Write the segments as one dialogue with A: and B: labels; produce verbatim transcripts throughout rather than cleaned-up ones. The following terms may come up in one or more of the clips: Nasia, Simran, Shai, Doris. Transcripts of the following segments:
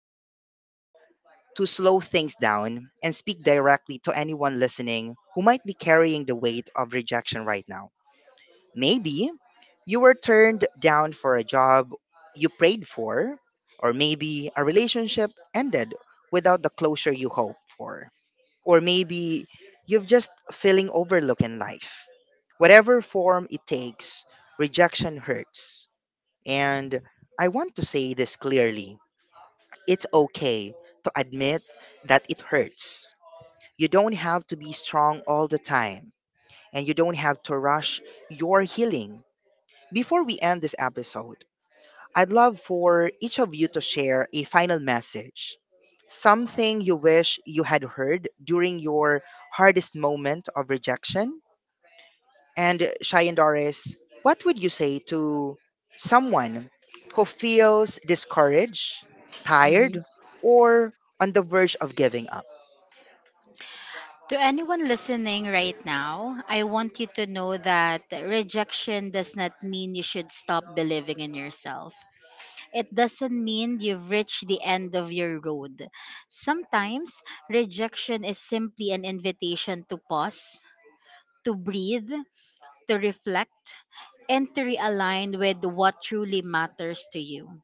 A: really want to slow things down and speak directly to anyone listening who might be carrying the weight of rejection right now. Maybe you were turned down for a job you prayed for, or maybe a relationship ended without the closure you hoped for, or maybe you've just feeling overlooked in life. Whatever form it takes, rejection hurts. And I want to say this clearly. It's okay to admit that it hurts. You don't have to be strong all the time, and you don't have to rush your healing. Before we end this episode, I'd love for each of you to share a final message, something you wish you had heard during your hardest moment of rejection. And Shai and Doris, what would you say to someone who feels discouraged, tired,
B: Mhm.
A: or on the verge of giving up?
B: To anyone listening right now, I want you to know that rejection does not mean you should stop believing in yourself. It doesn't mean you've reached the end of your road. Sometimes, rejection is simply an invitation to pause, to breathe, to reflect, and to realign with what truly matters to you.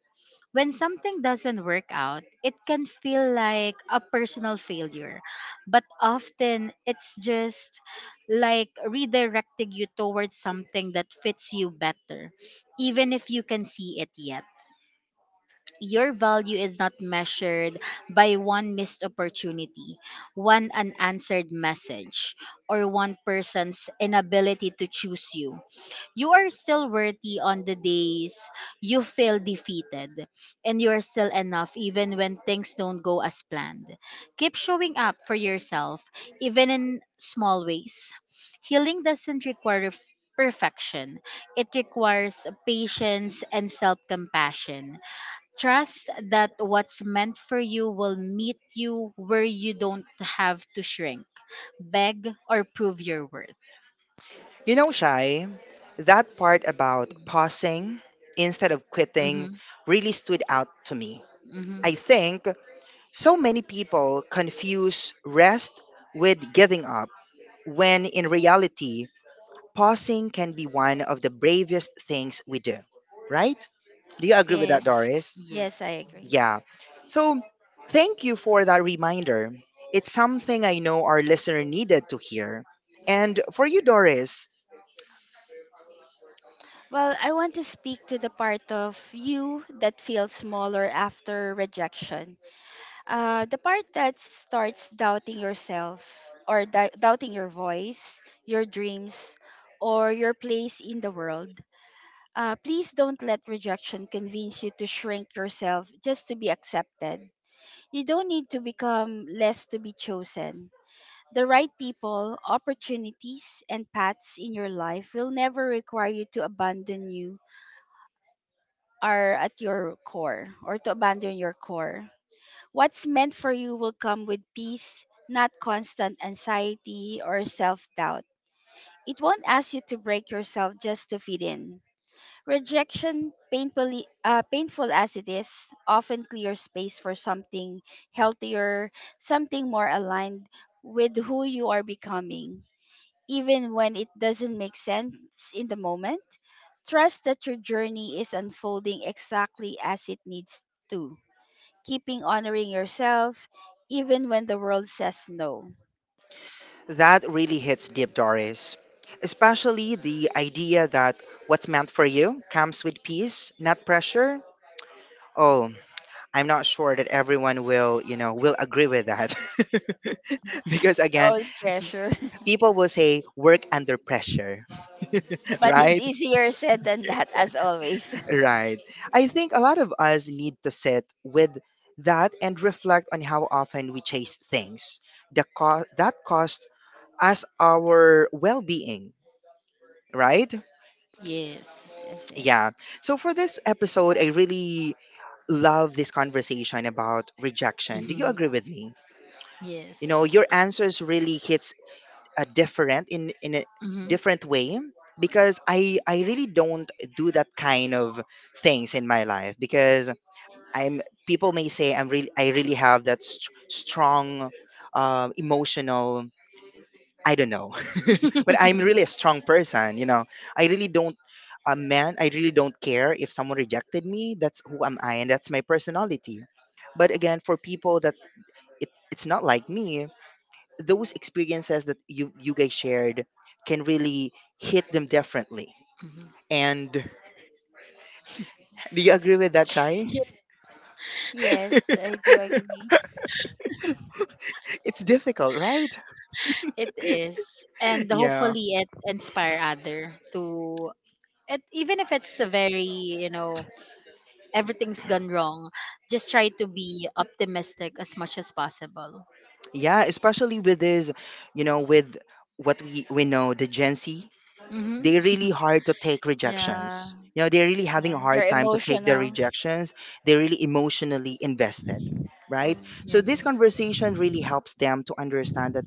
B: When something doesn't work out, it can feel like a personal failure. But often it's just like redirecting you towards something that fits you better, even if you can see it yet. Your value is not measured by one missed opportunity, one unanswered message, or one person's inability to choose you. You are still worthy on the days you feel defeated, and you are still enough even when things don't go as planned. Keep showing up for yourself, even in small ways. Healing doesn't require f- perfection, it requires patience and self compassion. Trust that what's meant for you will meet you where you don't have to shrink, beg, or prove your worth.
A: You know, Shai, that part about pausing instead of
B: Mm-hmm,
A: quitting really stood out to me.
B: mm-hmm.
A: I think so many people confuse rest with giving up, when in reality, pausing can be one of the bravest things we do, right? Do you agree with that,
C: Yes.
A: Doris?
B: Yeah.
C: Yes, I agree.
A: Yeah. So, thank you for that reminder. It's something I know our listener needed to hear. And for you, Doris,
C: Well, I want to speak to the part of you that feels smaller after rejection. Uh, the part that starts doubting yourself or dou- doubting your voice, your dreams, or your place in the world. Uh, please don't let rejection convince you to shrink yourself just to be accepted. You don't need to become less to be chosen. The right people, opportunities, and paths in your life will never require you to abandon you are at your core or to abandon your core. What's meant for you will come with peace, not constant anxiety or self-doubt. It won't ask you to break yourself just to fit in. Rejection, painfully, uh, painful as it is, often clears space for something healthier, something more aligned with who you are becoming, even when it doesn't make sense in the moment. Trust that your journey is unfolding exactly as it needs to, keeping honoring yourself even when the world says no.
A: that really hits deep, Doris. Especially the idea that what's meant for you comes with peace, not pressure. Oh, I'm not sure that everyone will, you know, will agree with that. Because
C: It's
A: again,
C: always pressure,
A: people will say work under pressure,
C: but it's
A: right?
C: easier said than that, as always.
A: Right. I think a lot of us need to sit with that and reflect on how often we chase things. The cost that cost us our well-being, right?
B: Yes.
C: Yes,
A: Yeah. So for this episode, I really love this conversation about rejection. Do you
B: Hmm.
A: agree with me? You
B: Yes.
A: know, your answers really hits uh, different in in a
B: Hmm.
A: different way because I I really don't do that kind of things in my life because I'm, people may say I'm really, I really have that st- strong uh, emotional, I don't know. But I'm really a strong person, you know. I really don't, a man, I really don't care if someone rejected me. That's who am I, and that's my personality. But again, for people that, it, it's not like me, those experiences that you you guys shared can really hit them differently.
B: Hmm.
A: And do you agree with that, Shai?
B: Yeah,
C: yes, yes, I do agree.
A: It's difficult, right?
B: it is, and
A: Yeah.
B: hopefully it inspire other to. It, even if it's a very you know everything's gone wrong, just try to be optimistic as much as possible.
A: Yeah, especially with this, you know, with what we we know, the Gen Z,
B: Hmm.
A: they really hard to take
B: Yeah.
A: rejections. You know, they're really having a
C: Yeah, they're
A: hard time to take their
C: emotional.
A: rejections. They're really emotionally invested,
C: Mm.
A: right?
B: Yeah.
A: So this conversation really helps them to understand that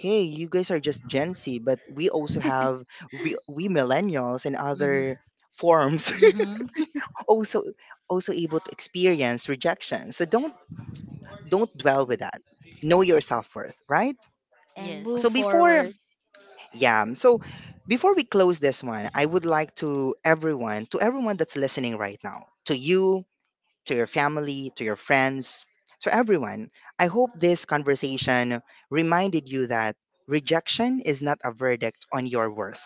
A: hey, you guys are just Gen Z, but we also have, we, we millennials and
B: Hmm.
A: other forms
B: Hmm.
A: also also able to experience rejection. So don't don't dwell with that. Know your self-worth, right?
C: And move
A: So
B: Yes.
A: before,
C: forward.
A: yeah. um, So before we close this one, I would like to everyone, to everyone that's listening right now, to you, to your family, to your friends, to everyone, I hope this conversation reminded you that rejection is not a verdict on your worth.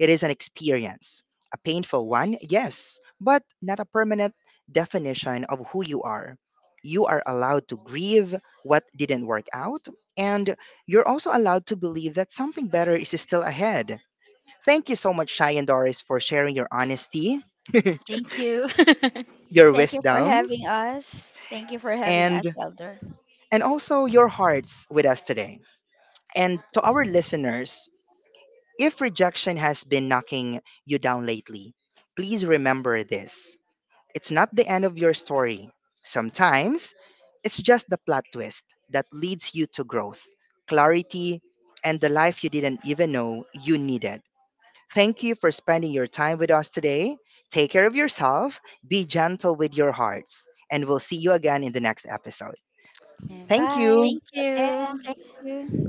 A: It is an experience, a painful one, yes, but not a permanent definition of who you are. You are allowed to grieve what didn't work out, and you're also allowed to believe that something better is still ahead. Thank you so much, Shai and Doris, for sharing your honesty,
B: Thank you.
A: your
C: Thank you for
A: wisdom,
C: having us. Thank you for having us,
A: and
C: Elder.
A: and also your hearts with us today. And to our listeners, if rejection has been knocking you down lately, please remember this. It's not the end of your story. Sometimes it's just the plot twist that leads you to growth, clarity, and the life you didn't even know you needed. Thank you for spending your time with us today. Take care of yourself, be gentle with your hearts, and we'll see you again in the next episode.
C: And
A: Thank
C: bye
A: you.
B: Thank
C: again.
B: you.
C: Thank you.